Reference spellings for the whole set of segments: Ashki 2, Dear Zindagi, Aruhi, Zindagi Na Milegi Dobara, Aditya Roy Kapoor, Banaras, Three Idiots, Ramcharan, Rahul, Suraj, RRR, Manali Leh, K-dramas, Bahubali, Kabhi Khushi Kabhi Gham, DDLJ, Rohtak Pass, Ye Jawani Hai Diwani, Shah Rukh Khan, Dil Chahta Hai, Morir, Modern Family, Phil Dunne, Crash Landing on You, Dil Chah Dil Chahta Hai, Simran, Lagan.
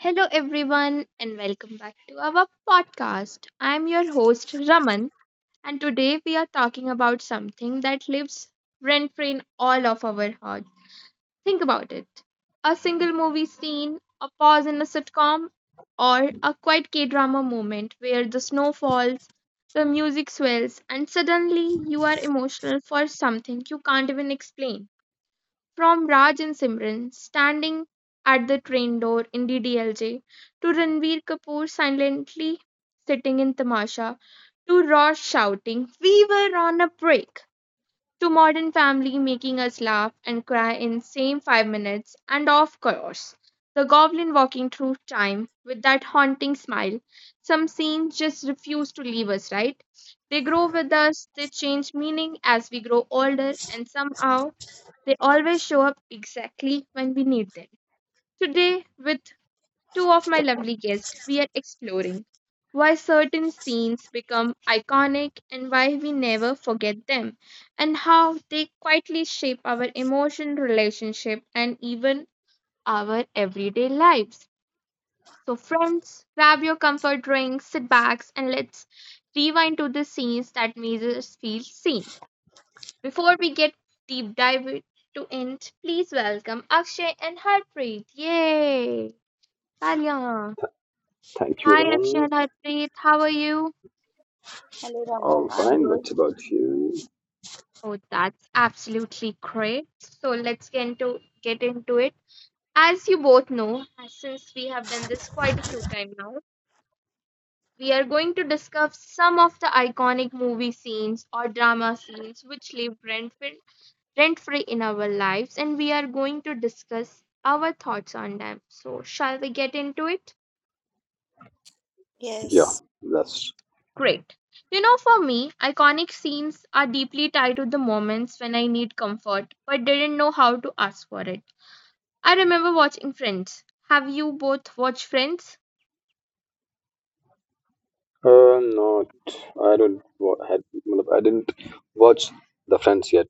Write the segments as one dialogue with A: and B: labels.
A: Hello, everyone, and welcome back to our podcast. I'm your host, Raman, and today we are talking about something that lives rent free in all of our hearts. Think about it, a single movie scene, a pause in a sitcom, or a quiet K drama moment where the snow falls, the music swells, and suddenly you are emotional for something you can't even explain. From Raj and Simran standing at the train door in DDLJ, to Ranveer Kapoor silently sitting in Tamasha, to Ross shouting, "We were on a break," to Modern Family making us laugh and cry in same 5 minutes, and of course, the goblin walking through time with that haunting smile. Some scenes just refuse to leave us, right? They grow with us, they change meaning as we grow older, and somehow they always show up exactly when we need them. Today, with two of my lovely guests, we are exploring why certain scenes become iconic and why we never forget them, and how they quietly shape our emotion, relationship, and even our everyday lives. So, friends, grab your comfort drinks, sit back, and let's rewind to the scenes that made us feel seen. Before we get deep dive to it, please welcome Akshay and Harpreet. Yay! Talia.
B: Thank you,
A: Hi Akshay
B: Raman.
A: and Harpreet, how are you?
C: Hello,
B: All
C: Raman. I'm
B: fine.
C: good.
B: What about you?
A: Oh, that's absolutely great. So let's get into it. As you both know, since we have done this quite a few times now, we are going to discuss some of the iconic movie scenes or drama scenes which leave rent free in our lives, and we are going to discuss our thoughts on them. So, shall we get into it?
B: Yeah, that's
A: Great. You know, for me, iconic scenes are deeply tied to the moments when I need comfort but didn't know how to ask for it. I remember watching Friends. Have you both watched Friends?
B: not. I don't. Wa- Had, I didn't watch the Friends yet.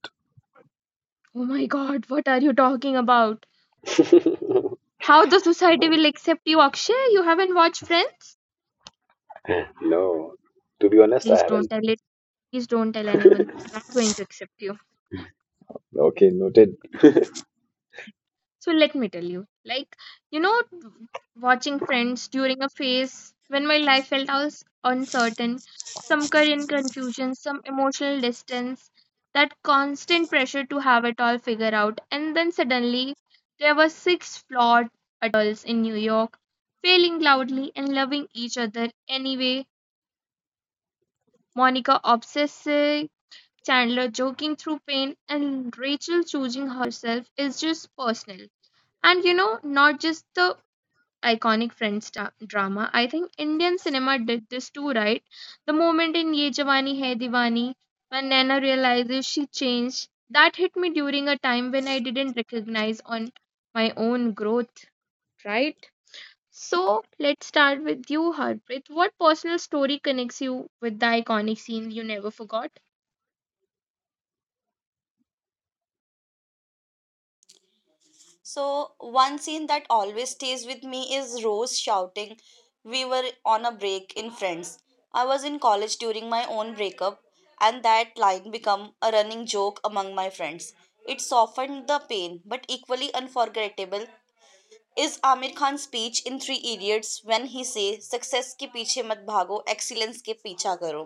A: Oh my god, what are you talking about? How the society will accept you, Akshay? You haven't watched Friends?
B: No, to be honest, I
A: Please don't
B: haven't.
A: tell it. Please don't tell anyone. They're not going to accept you.
B: Okay, noted.
A: So let me tell you, like, you know, watching friends during a phase when my life felt I was uncertain, some career confusion, some emotional distance, that constant pressure to have it all figured out. And then suddenly there were six flawed adults in New York, failing loudly and loving each other anyway. Monica obsessive, Chandler joking through pain, and Rachel choosing herself is just personal, and not just the iconic French drama. I think Indian cinema did this too, right? The moment in Ye Jawani Hai Diwani when Nana realizes she changed, that hit me during a time when I didn't recognize on my own growth, right? So let's start with you, Harpreet. What personal story connects you with the iconic scene you never forgot?
C: So, one scene that always stays with me is Rose shouting, "We were on a break" in Friends. I was in college during my own breakup, and that line became a running joke among my friends. It softened the pain, but equally unforgettable is Aamir Khan's speech in Three Idiots when he says success के पीछे मत भागो excellence के पीछा करो.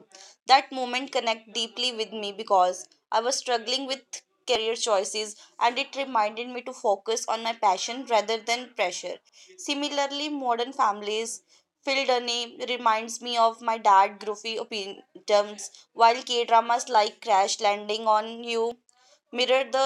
C: That moment connect deeply with me because I was struggling with career choices and it reminded me to focus on my passion rather than pressure. Similarly, Modern Families Phil Dunne reminds me of my dad groovy opinions while K-dramas like Crash Landing on You mirror the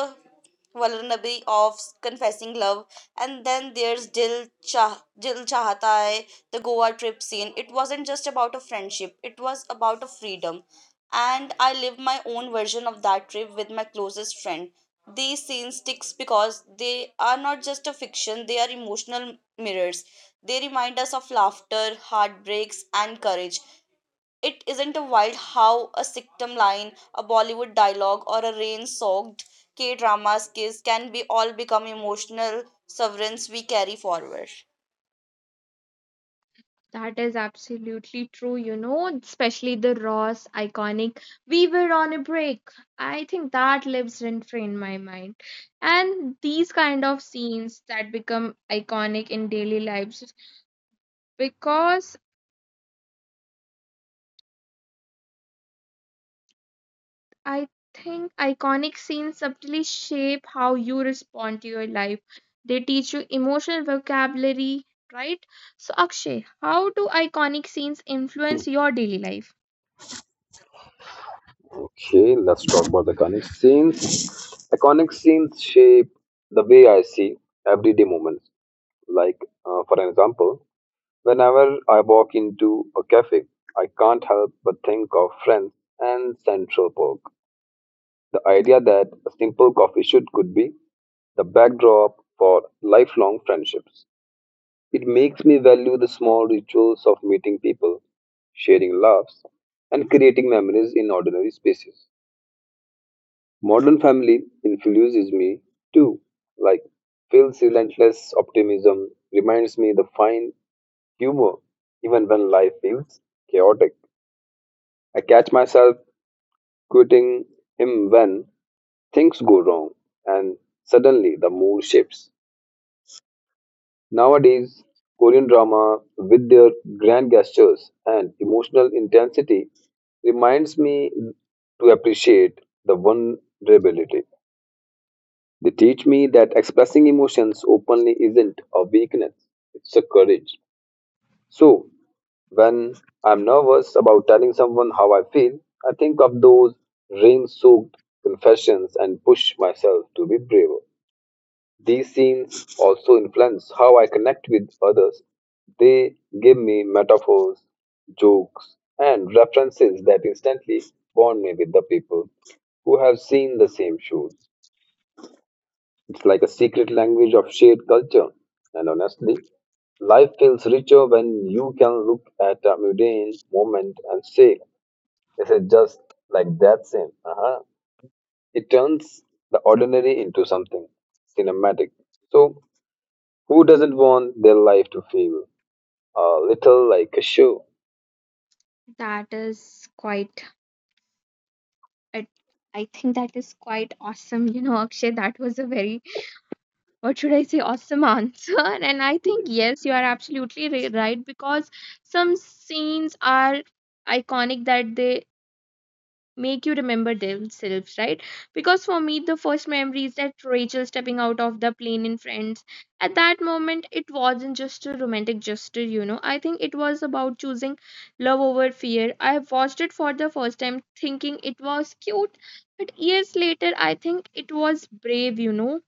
C: vulnerability of confessing love. And then there's Dil Chahta Hai, the Goa trip scene. It wasn't just about a friendship; it was about a freedom. And I lived my own version of that trip with my closest friend. These scenes sticks because they are not just a fiction; they are emotional mirrors. They remind us of laughter, heartbreaks, and courage. It isn't a wild how a sitcom line, a Bollywood dialogue, or a rain-soaked K-drama kiss can be all become emotional sovereigns we carry forward.
A: That is absolutely true, you know, especially the Ross iconic, "We Were on a Break." I think that lives rent free in my mind. And these kind of scenes that become iconic in daily lives, because I think iconic scenes subtly shape how you respond to your life. They teach you emotional vocabulary, right? So, Akshay, how do iconic scenes influence your daily life?
B: Okay, let's talk about the iconic scenes. Iconic scenes shape the way I see everyday moments. Like, for an example, whenever I walk into a cafe, I can't help but think of Friends and Central Park. The idea that a simple coffee shoot could be the backdrop for lifelong friendships. It makes me value the small rituals of meeting people, sharing laughs, and creating memories in ordinary spaces. Modern Family influences me too, like Phil's relentless optimism reminds me the fine humor even when life feels chaotic. I catch myself quoting him when things go wrong and suddenly the mood shifts. Nowadays, Korean drama, with their grand gestures and emotional intensity, reminds me to appreciate the vulnerability. They teach me that expressing emotions openly isn't a weakness, it's a courage. So when I'm nervous about telling someone how I feel, I think of those rain soaked confessions and push myself to be braver. These scenes also influence how I connect with others. They give me metaphors, jokes, and references that instantly bond me with the people who have seen the same shows. It's like a secret language of shared culture. And honestly, life feels richer when you can look at a mundane moment and say, this is just like that scene. Uh-huh. It turns the ordinary into something cinematic. So who doesn't want their life to feel a little like a show?
A: That is quite, I, I think that is quite awesome. You know, Akshay, that was a very, what should I say, awesome answer. And I think, yes, you are absolutely right, because some scenes are iconic that they make you remember themselves, right? Because for me, the first memory is that Rachel stepping out of the plane in Friends. At that moment, it wasn't just a romantic gesture, you know. I think it was about choosing love over fear. I watched it for the first time thinking it was cute, but years later, I think it was brave, you know.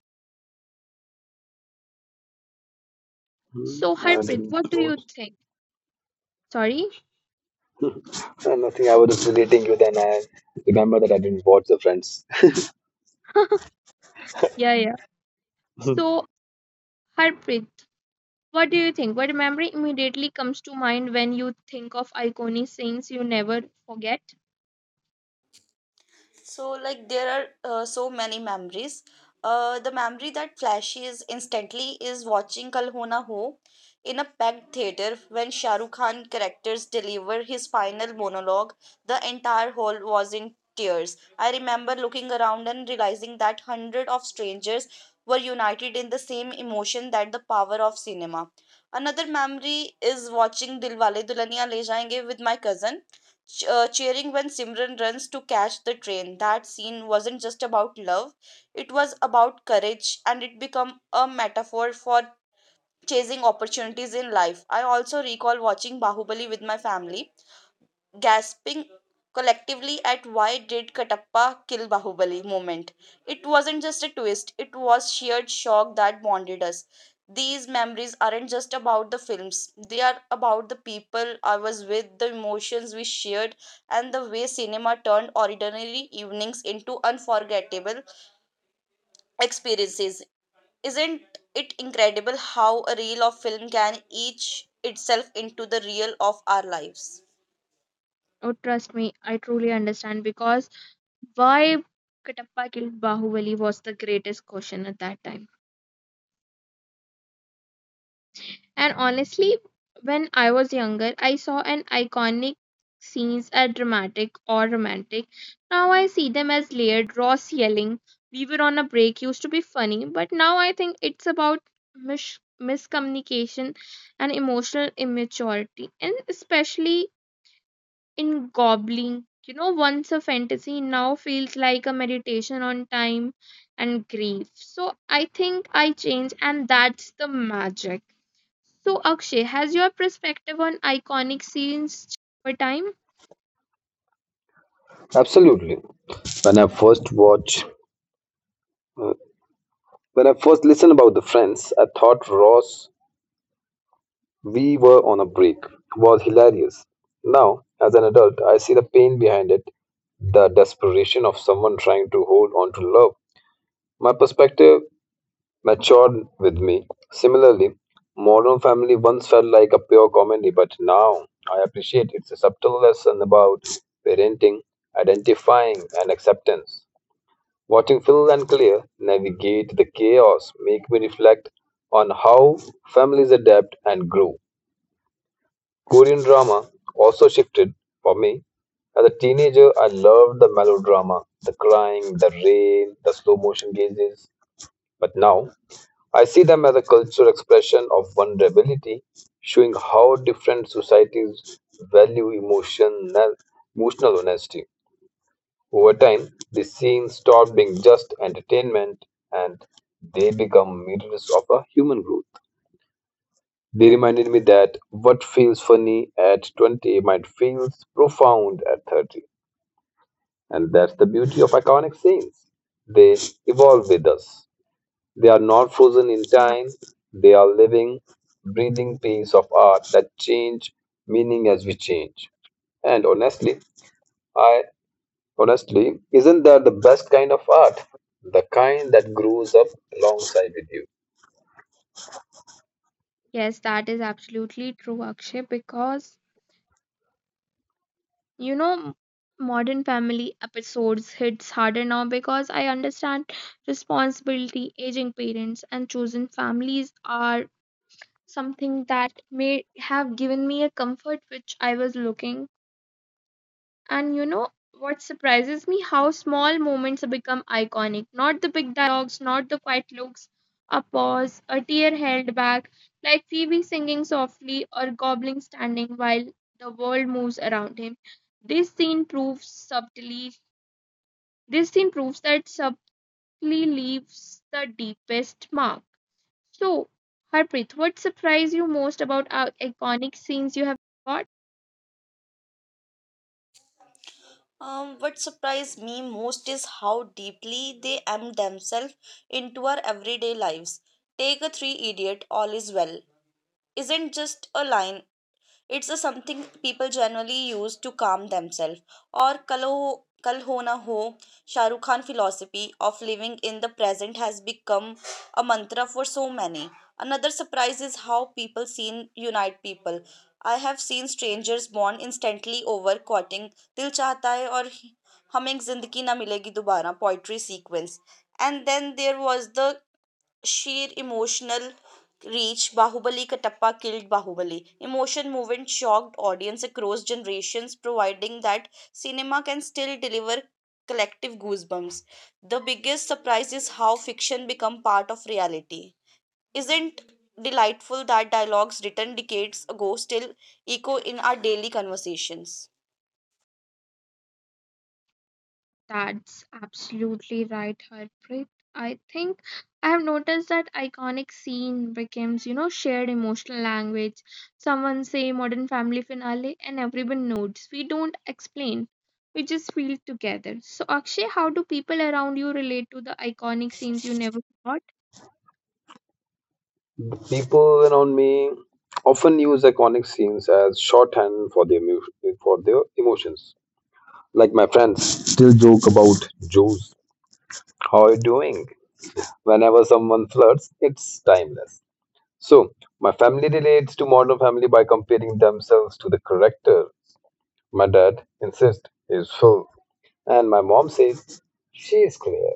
B: Hmm,
A: So,
B: I
A: Harpreet,
B: didn't
A: what do you
B: watch.
A: think? Sorry?
B: Nothing, I was just relating you, then I remember that I didn't watch The Friends.
A: Yeah, yeah.
B: Mhm.
A: So, Harpreet, what do you think? What memory immediately comes to mind when you think of iconic scenes you never forget?
C: There are so many memories. The memory that flashes instantly is watching Kal Ho Na Ho in a packed theater when Shah Rukh Khan characters deliver his final monologue. The entire hall was in tears. I remember looking around and realizing that hundreds of strangers were united in the same emotion that the power of cinema. Another memory is watching Dilwale Dulhania Le Jayenge with my cousin cheering when Simran runs to catch the train. That scene wasn't just about love, it was about courage and it became a metaphor for chasing opportunities in life. I also recall watching Bahubali with my family gasping collectively at why did Katappa kill Bahubali moment. It wasn't just a twist, it was sheer shock that bonded us. These memories aren't just about the films, they are about the people I was with, the emotions we shared, and the way cinema turned ordinary evenings into unforgettable experiences. Isn't it incredible how a reel of film can etch itself into the reel of our lives?
A: Oh, trust me, I truly understand because why Katappa killed Bahubali was the greatest question at that time. And honestly, when I was younger, I saw an iconic scenes as dramatic or romantic. Now I see them as layered, Ross yelling, "We were on a break," used to be funny, but now I think it's about miscommunication and emotional immaturity, and especially in gobbling. You know, once a fantasy now feels like a meditation on time and grief. So I think I changed, and that's the magic. So, Akshay, has your perspective on iconic scenes changed over time?
B: Absolutely. When I first watched, uh, when I first listened about The Friends, I thought Ross, we were on a break, was hilarious. Now, as an adult, I see the pain behind it, the desperation of someone trying to hold on to love. My perspective matured with me. Similarly, Modern Family once felt like a pure comedy, but now I appreciate it's a subtle lesson about parenting, identifying, and acceptance. Watching Phil and Claire navigate the chaos make me reflect on how families adapt and grow. Korean drama also shifted for me. As a teenager, I loved the melodrama, the crying, the rain, the slow motion gazes. But now I see them as a cultural expression of vulnerability, showing how different societies value emotional honesty. Over time, the scenes stop being just entertainment and they become mirrors of a human growth. They reminded me that what feels funny at 20 might feel profound at 30. And that's the beauty of iconic scenes. They evolve with us. They are not frozen in time, they are living, breathing pieces of art that change meaning as we change. And honestly, I honestly, isn't that the best kind of art? The kind that grows up alongside with you.
A: Yes, that is absolutely true, Akshay, because you know, modern family episodes hits harder now because I understand responsibility, aging parents, and chosen families are something that may have given me a comfort which I was looking. And you know what surprises me? How small moments become iconic. Not the big dialogues, not the quiet looks, a pause, a tear held back, like Phoebe singing softly or Goblin standing while the world moves around him. This scene proves subtly. This scene proves that subtly leaves the deepest mark. So, Harpreet, what surprised you most about our iconic scenes you have got?
C: What surprised me most is how deeply they am themselves into our everyday lives. Take a three idiot, all is well. Isn't just a line it's a something people generally use to calm themselves. Or Kal Ho Na Ho, Shah Rukh Khan philosophy of living in the present has become a mantra for so many. Another surprise is how people seen unite people. I have seen strangers bond instantly over quoting Dil Chahta Hai or Humming Zindagi Na Milegi Dobara poetry sequence. And then there was the sheer emotional reach, Bahubali Katappa killed Bahubali. Emotion movement shocked audience across generations, providing that cinema can still deliver collective goosebumps. The biggest surprise is how fiction become part of reality. Isn't delightful that dialogues written decades ago still echo in our daily conversations?
A: That's absolutely right, Harpreet. I think I have noticed that iconic scene becomes, you know, shared emotional language. Someone say modern family finale and everyone nods. We don't explain. We just feel together. So Akshay, how do people around you relate to the iconic scenes you never forgot?
B: People around me often use iconic scenes as shorthand for for their emotions. Like my friends still joke about Jews. How are you doing? Whenever someone flirts, it's timeless. So my family relates to Modern Family by comparing themselves to the character. My dad insists he is full, and my mom says she is clear.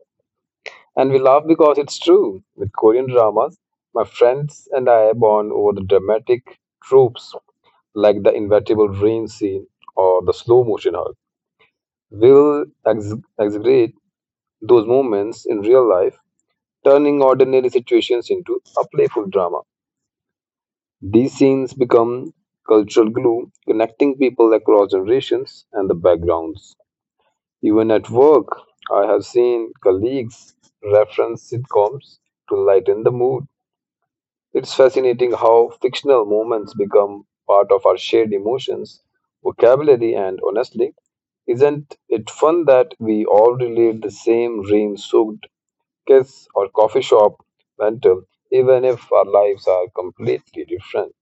B: And we laugh because it's true. With Korean dramas, my friends and I bond over the dramatic tropes like the inevitable rain scene or the slow motion hug. We'll ex- exaggerate those moments in real life, turning ordinary situations into a playful drama. These scenes become cultural glue, connecting people across generations and the backgrounds. Even at work, I have seen colleagues reference sitcoms to lighten the mood. It's fascinating how fictional moments become part of our shared emotions, vocabulary, and honestly, isn't it fun that we all relive the same rain soaked kiss or coffee shop mental, even if our lives are completely different?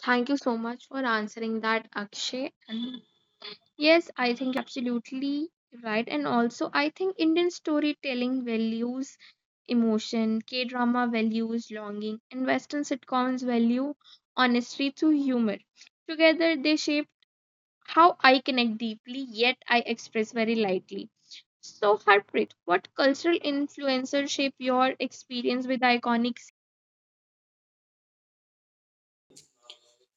A: Thank you so much for answering that, Akshay. And yes, I think you are absolutely right. And also, I think Indian storytelling values emotion, K drama values longing, and Western sitcoms value honesty through humor. Together, they shape how I connect deeply, yet I express very lightly. So, Harpreet, what cultural influencers shape your experience with iconic?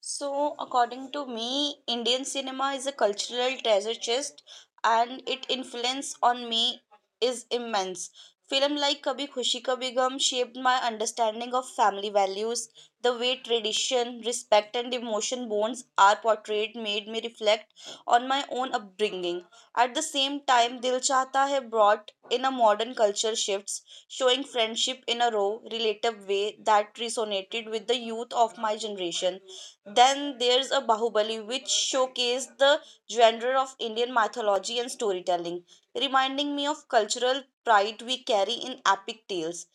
C: So, according to me, Indian cinema is a cultural treasure chest and its influence on me is immense. Film like Kabhi Khushi Kabhi Gham shaped my understanding of family values. The way tradition, respect, and emotion bonds are portrayed made me reflect on my own upbringing. At the same time, Dil Chahta Hai brought in a modern culture shifts, showing friendship in a raw, relative way that resonated with the youth of my generation. Then there's a Bahubali, which showcased the genre of Indian mythology and storytelling, reminding me of cultural pride we carry in epic tales.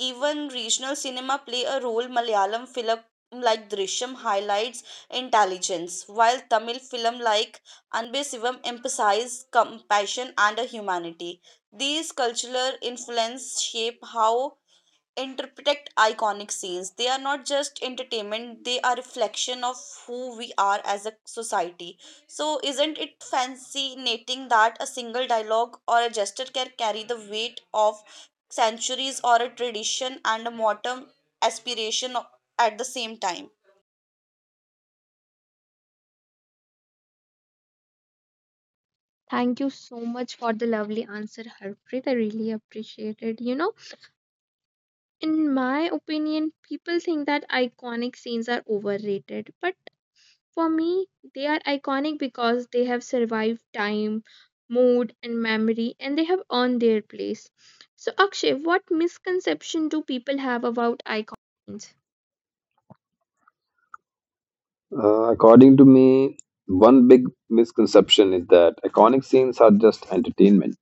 C: Even regional cinema play a role. Malayalam film like Drishyam highlights intelligence, while Tamil film like Anbe Sivam emphasize compassion and a humanity. These cultural influence shape how interpret iconic scenes. They are not just entertainment, they are reflection of who we are as a society. So isn't it fascinating that a single dialogue or a gesture can carry the weight of centuries or a tradition and a modern aspiration at the same time?
A: Thank you so much for the lovely answer, Harpreet. I really appreciate it. You know, in my opinion, people think that iconic scenes are overrated, but for me, they are iconic because they have survived time, mood, and memory, and they have earned their place. So, Akshay, what misconception do people have about iconic scenes?
B: According to me, one big misconception is that iconic scenes are just entertainment.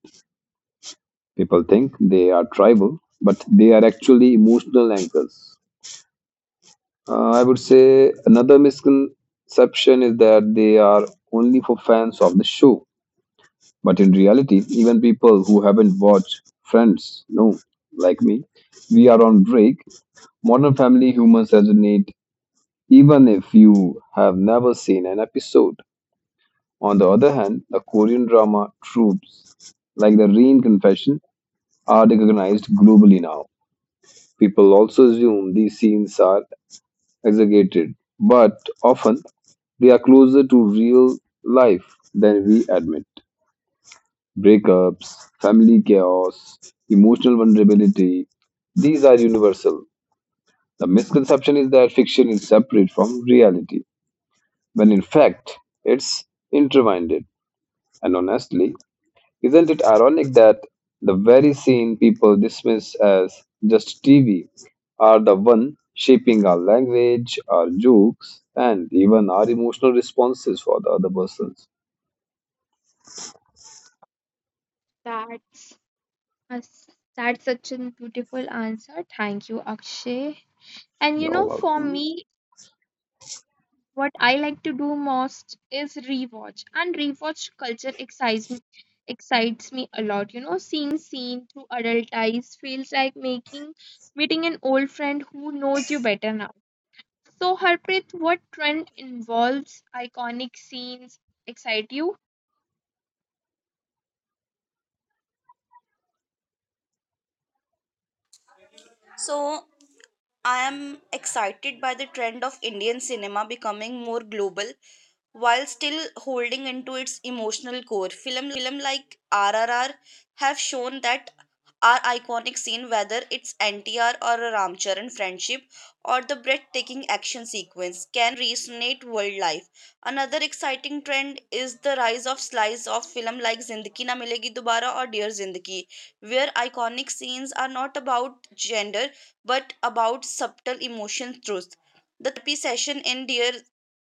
B: People think they are tribal, but they are actually emotional anchors. I would say another misconception is that they are only for fans of the show. But in reality, even people who haven't watched Friends know, like me, we are on break. Modern Family humans resonate even if you have never seen an episode. On the other hand, the Korean drama troops like the Rain Confession are recognized globally now. People also assume these scenes are exaggerated, but often they are closer to real life than we admit. Breakups, family chaos, emotional vulnerability, these are universal. The misconception is that fiction is separate from reality, when in fact it's intertwined. And honestly, isn't it ironic that the very scene people dismiss as just TV are the one shaping our language, our jokes, and even our emotional responses for the other persons?
A: That's Uh, That's such a beautiful answer. Thank you, Akshay. And you
B: You're
A: know, for
B: welcome.
A: me, what I like to do most is rewatch, and rewatch culture excites me a lot. You know, seeing scene through adult eyes feels like making meeting an old friend who knows you better now. So, Harpreet, what trend involves iconic scenes excite you?
C: So I am excited by the trend of Indian cinema becoming more global while still holding into its emotional core. Film like RRR have shown that our iconic scene, whether it's NTR or a Ramcharan friendship or the breathtaking action sequence, can resonate world life. Another exciting trend is the rise of slice of film like Zindagi Na Milegi Dobara or Dear Zindagi, where iconic scenes are not about gender but about subtle emotion truth. The therapy session in Dear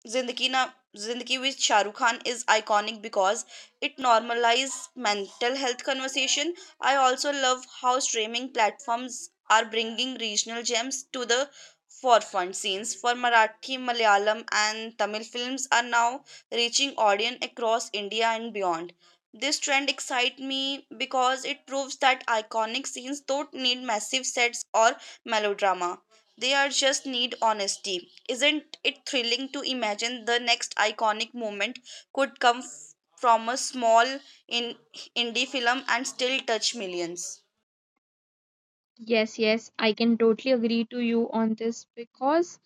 C: Zindagi Na Zindagi with Shah Rukh Khan is iconic because it normalized mental health conversation. I also love how streaming platforms are bringing regional gems to the forefront. Scenes for Marathi, Malayalam, and Tamil films are now reaching audience across India and beyond. This trend excites me because it proves that iconic scenes don't need massive sets or melodrama. They are just need honesty. Isn't it thrilling to imagine the next iconic moment could come from a small in indie film and still touch millions?
A: Yes, yes, I can totally agree to you on this, because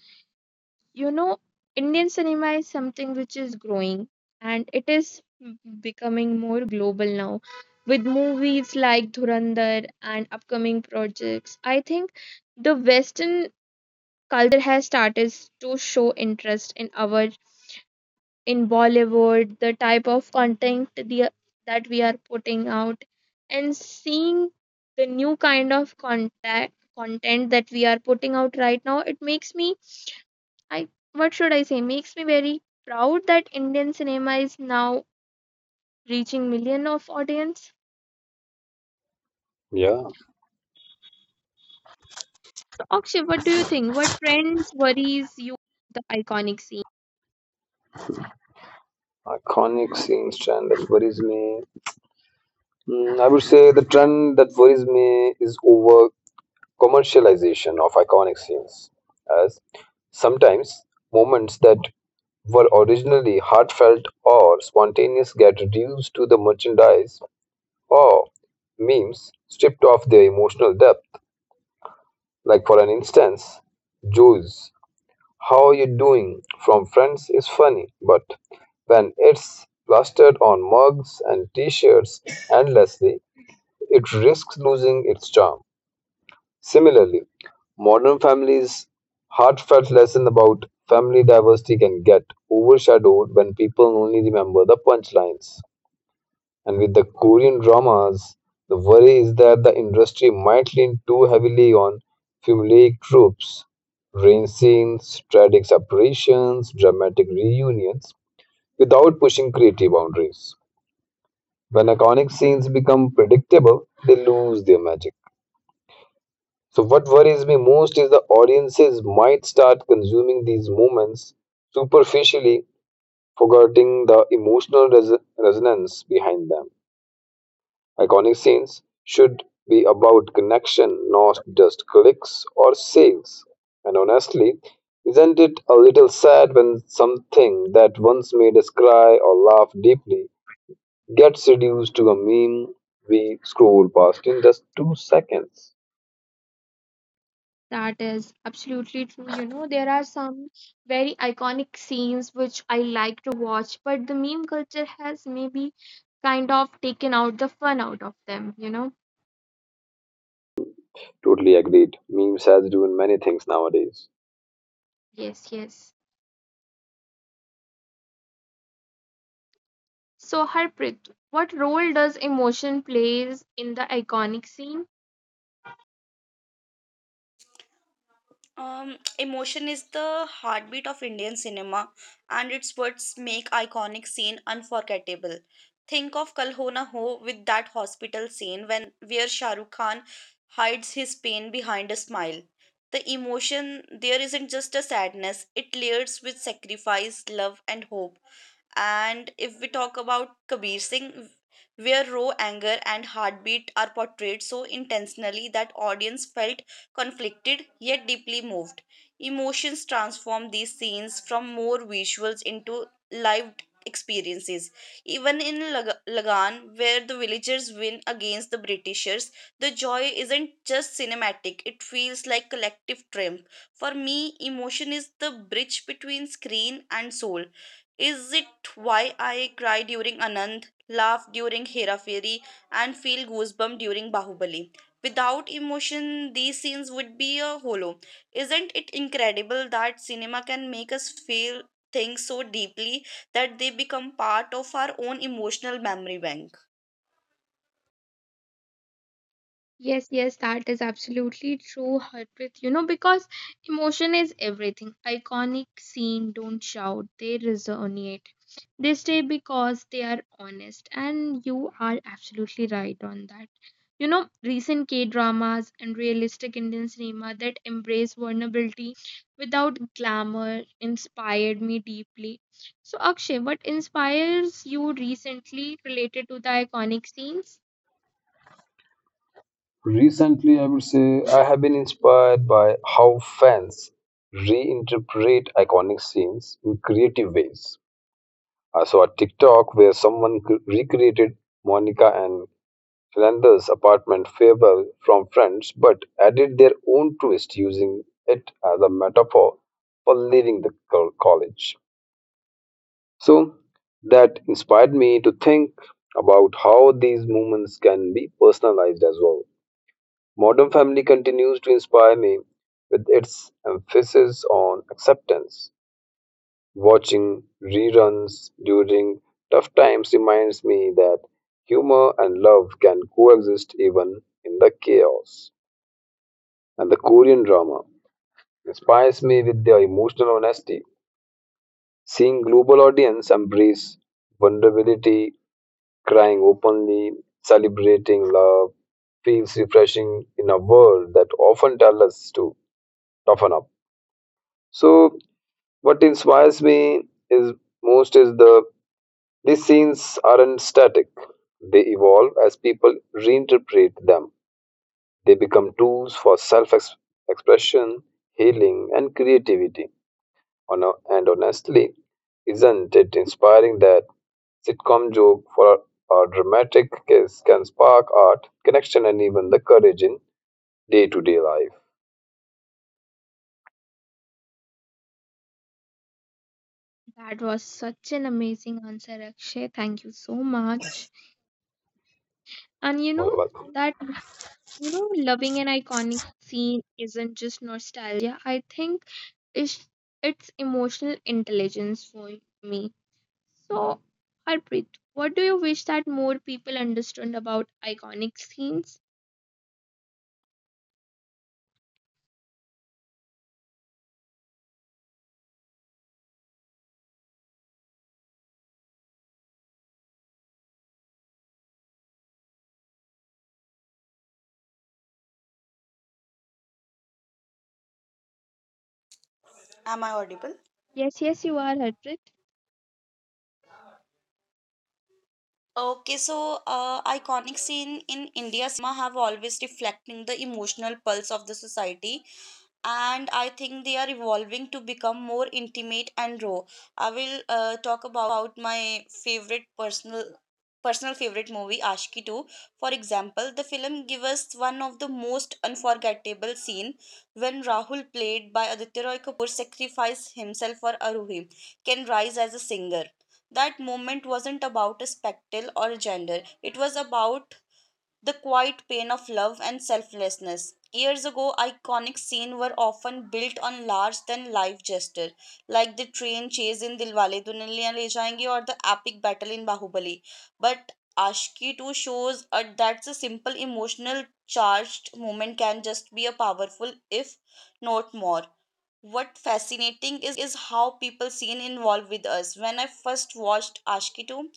A: you know indian cinema is something which is growing and it is becoming more global now with movies like Dhurandhar and upcoming projects. I think the western culture has started to show interest in our in bollywood, the type of content that we are putting out, and seeing the new kind of contact content that we are putting out right now, it makes me, I what should I say makes me very proud that Indian cinema is now reaching million of audience.
B: Yeah,
A: So Akshay, what do you think? What trends worries you the iconic scene?
B: iconic scenes trend that worries me. I would say the trend that worries me is over commercialization of iconic scenes, as sometimes moments that were originally heartfelt or spontaneous get reduced to the merchandise or memes stripped of their emotional depth. Like, for an instance, Joe's How You Doing from Friends is funny, but when it's plastered on mugs and t shirts endlessly, it risks losing its charm. Similarly, modern families' heartfelt lesson about family diversity can get overshadowed when people only remember the punchlines. And with the Korean dramas, the worry is that the industry might lean too heavily on formulaic tropes, rain scenes, tragic separations, dramatic reunions, without pushing creative boundaries. When iconic scenes become predictable, they lose their magic. So what worries me most is the audiences might start consuming these moments superficially, forgetting the emotional resonance behind them. Iconic scenes should be about connection, not just clicks or sales. And honestly, isn't it a little sad when something that once made us cry or laugh deeply gets reduced to a meme we scroll past in just 2 seconds?
A: That is absolutely true. You know, there are some very iconic scenes which I like to watch, but the meme culture has maybe kind of taken out the fun out of them, you know?
B: Totally agreed. Memes has doing many things nowadays.
A: Yes, yes. So Harpreet, what role does emotion plays in the iconic scene?
C: Emotion is the heartbeat of Indian cinema, and it's what make iconic scene unforgettable. Think of Kal Ho Na Ho with that hospital scene when where Shah Rukh Khan hides his pain behind a smile. The emotion there isn't just a sadness; it layers with sacrifice, love, and hope. And if we talk about Kabir Singh, where raw anger and heartbeat are portrayed so intentionally that audience felt conflicted yet deeply moved. Emotions transform these scenes from more visuals into lived experiences. Even in Lagan, where the villagers win against the Britishers, the joy isn't just cinematic, it feels like collective triumph. For me, emotion is the bridge between screen and soul. Is it why I cry during Anand, laugh during Hera Fairy, and feel goosebumps during Bahubali? Without emotion, these scenes would be a hollow. Isn't it incredible that cinema can make us feel things so deeply that they become part of our own emotional memory bank?
A: Yes, yes, that is absolutely true, Harpreet. You know, because emotion is everything. Iconic scene don't shout, they resonate. They stay because they are honest, and you are absolutely right on that. You know, recent K dramas and realistic Indian cinema that embrace vulnerability without glamour inspired me deeply. So, Akshay, what inspires you recently related to the iconic scenes?
B: Recently, I would say I have been inspired by how fans reinterpret iconic scenes in creative ways. I saw a TikTok where someone recreated Monica and Fernanda's apartment farewell from Friends, but added their own twist using it as a metaphor for leaving the college. So that inspired me to think about how these movements can be personalized as well. Modern Family continues to inspire me with its emphasis on acceptance. Watching reruns during tough times reminds me that humor and love can coexist even in the chaos. And the Korean drama inspires me with their emotional honesty. Seeing global audience embrace vulnerability crying openly, celebrating love feels refreshing in a world that often tells us to toughen up. So what inspires me is most is the these scenes aren't static. They evolve as people reinterpret them. They become tools for self expression, healing, and creativity. On and honestly, isn't it inspiring that sitcom joke for a dramatic case can spark art, connection, and even the courage in day to day life?
A: That was such an amazing answer, Akshay. Thank you so much. And you know that you know loving an iconic scene isn't just nostalgia. I think it's it's emotional intelligence for me. So, Harpreet, what do you wish that more people understood about iconic scenes?
C: Am I audible?
A: Yes, yes, you are, Harpreet.
C: Okay, so iconic scene in India cinema have always reflecting the emotional pulse of the society and I think they are evolving to become more intimate and raw. I will talk about my favorite personal favorite movie Ashki 2, for example. The film gives us one of the most unforgettable scene when Rahul, played by Aditya Roy Kapoor, sacrificed himself for Aruhi can rise as a singer. That moment wasn't about a spectacle or a gender, it was about the quiet pain of love and selflessness. Years ago, iconic scenes were often built on large than life gestures, like the train chase in Dilwale Duniya Le Jayenge or the epic battle in Bahubali. But Ashki 2 shows that a simple emotional charged moment can just be a powerful, if not more. What fascinating is how people seen involved with us. When I first watched Ashki 2,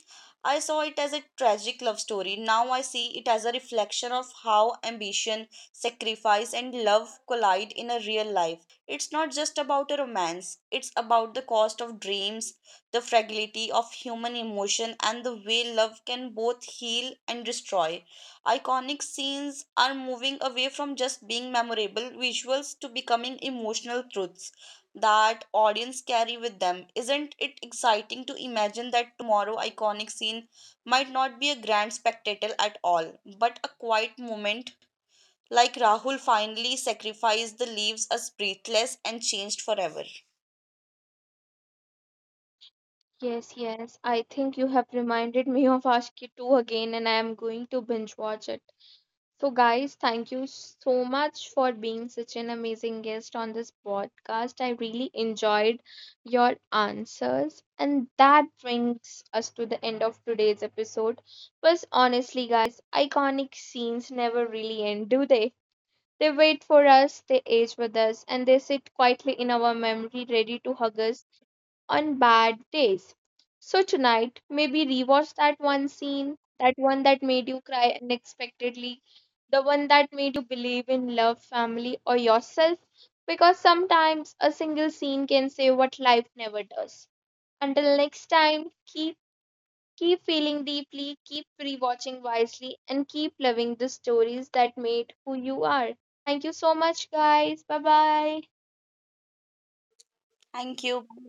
C: I saw it as a tragic love story. Now I see it as a reflection of how ambition, sacrifice, and love collide in a real life. It's not just about a romance, it's about the cost of dreams, the fragility of human emotion, and the way love can both heal and destroy. Iconic scenes are moving away from just being memorable visuals to becoming emotional truths that audience carry with them. Isn't it exciting to imagine that tomorrow iconic scene might not be a grand spectacle at all, but a quiet moment like Rahul finally sacrificed the leaves as breathless and changed forever.
A: Yes, yes. I think you have reminded me of Ashki 2 again, and I am going to binge watch it. So, guys, thank you so much for being such an amazing guest on this podcast. I really enjoyed your answers. And that brings us to the end of today's episode. Because honestly, guys, iconic scenes never really end, do they? They wait for us, they age with us, and they sit quietly in our memory, ready to hug us on bad days. So tonight, maybe rewatch that one scene, that one that made you cry unexpectedly, the one that made you believe in love, family, or yourself, because sometimes a single scene can say what life never does. Until next time, keep feeling deeply, keep rewatching wisely, and keep loving the stories that made who you are. Thank you so much, guys. Bye bye.
C: Thank you.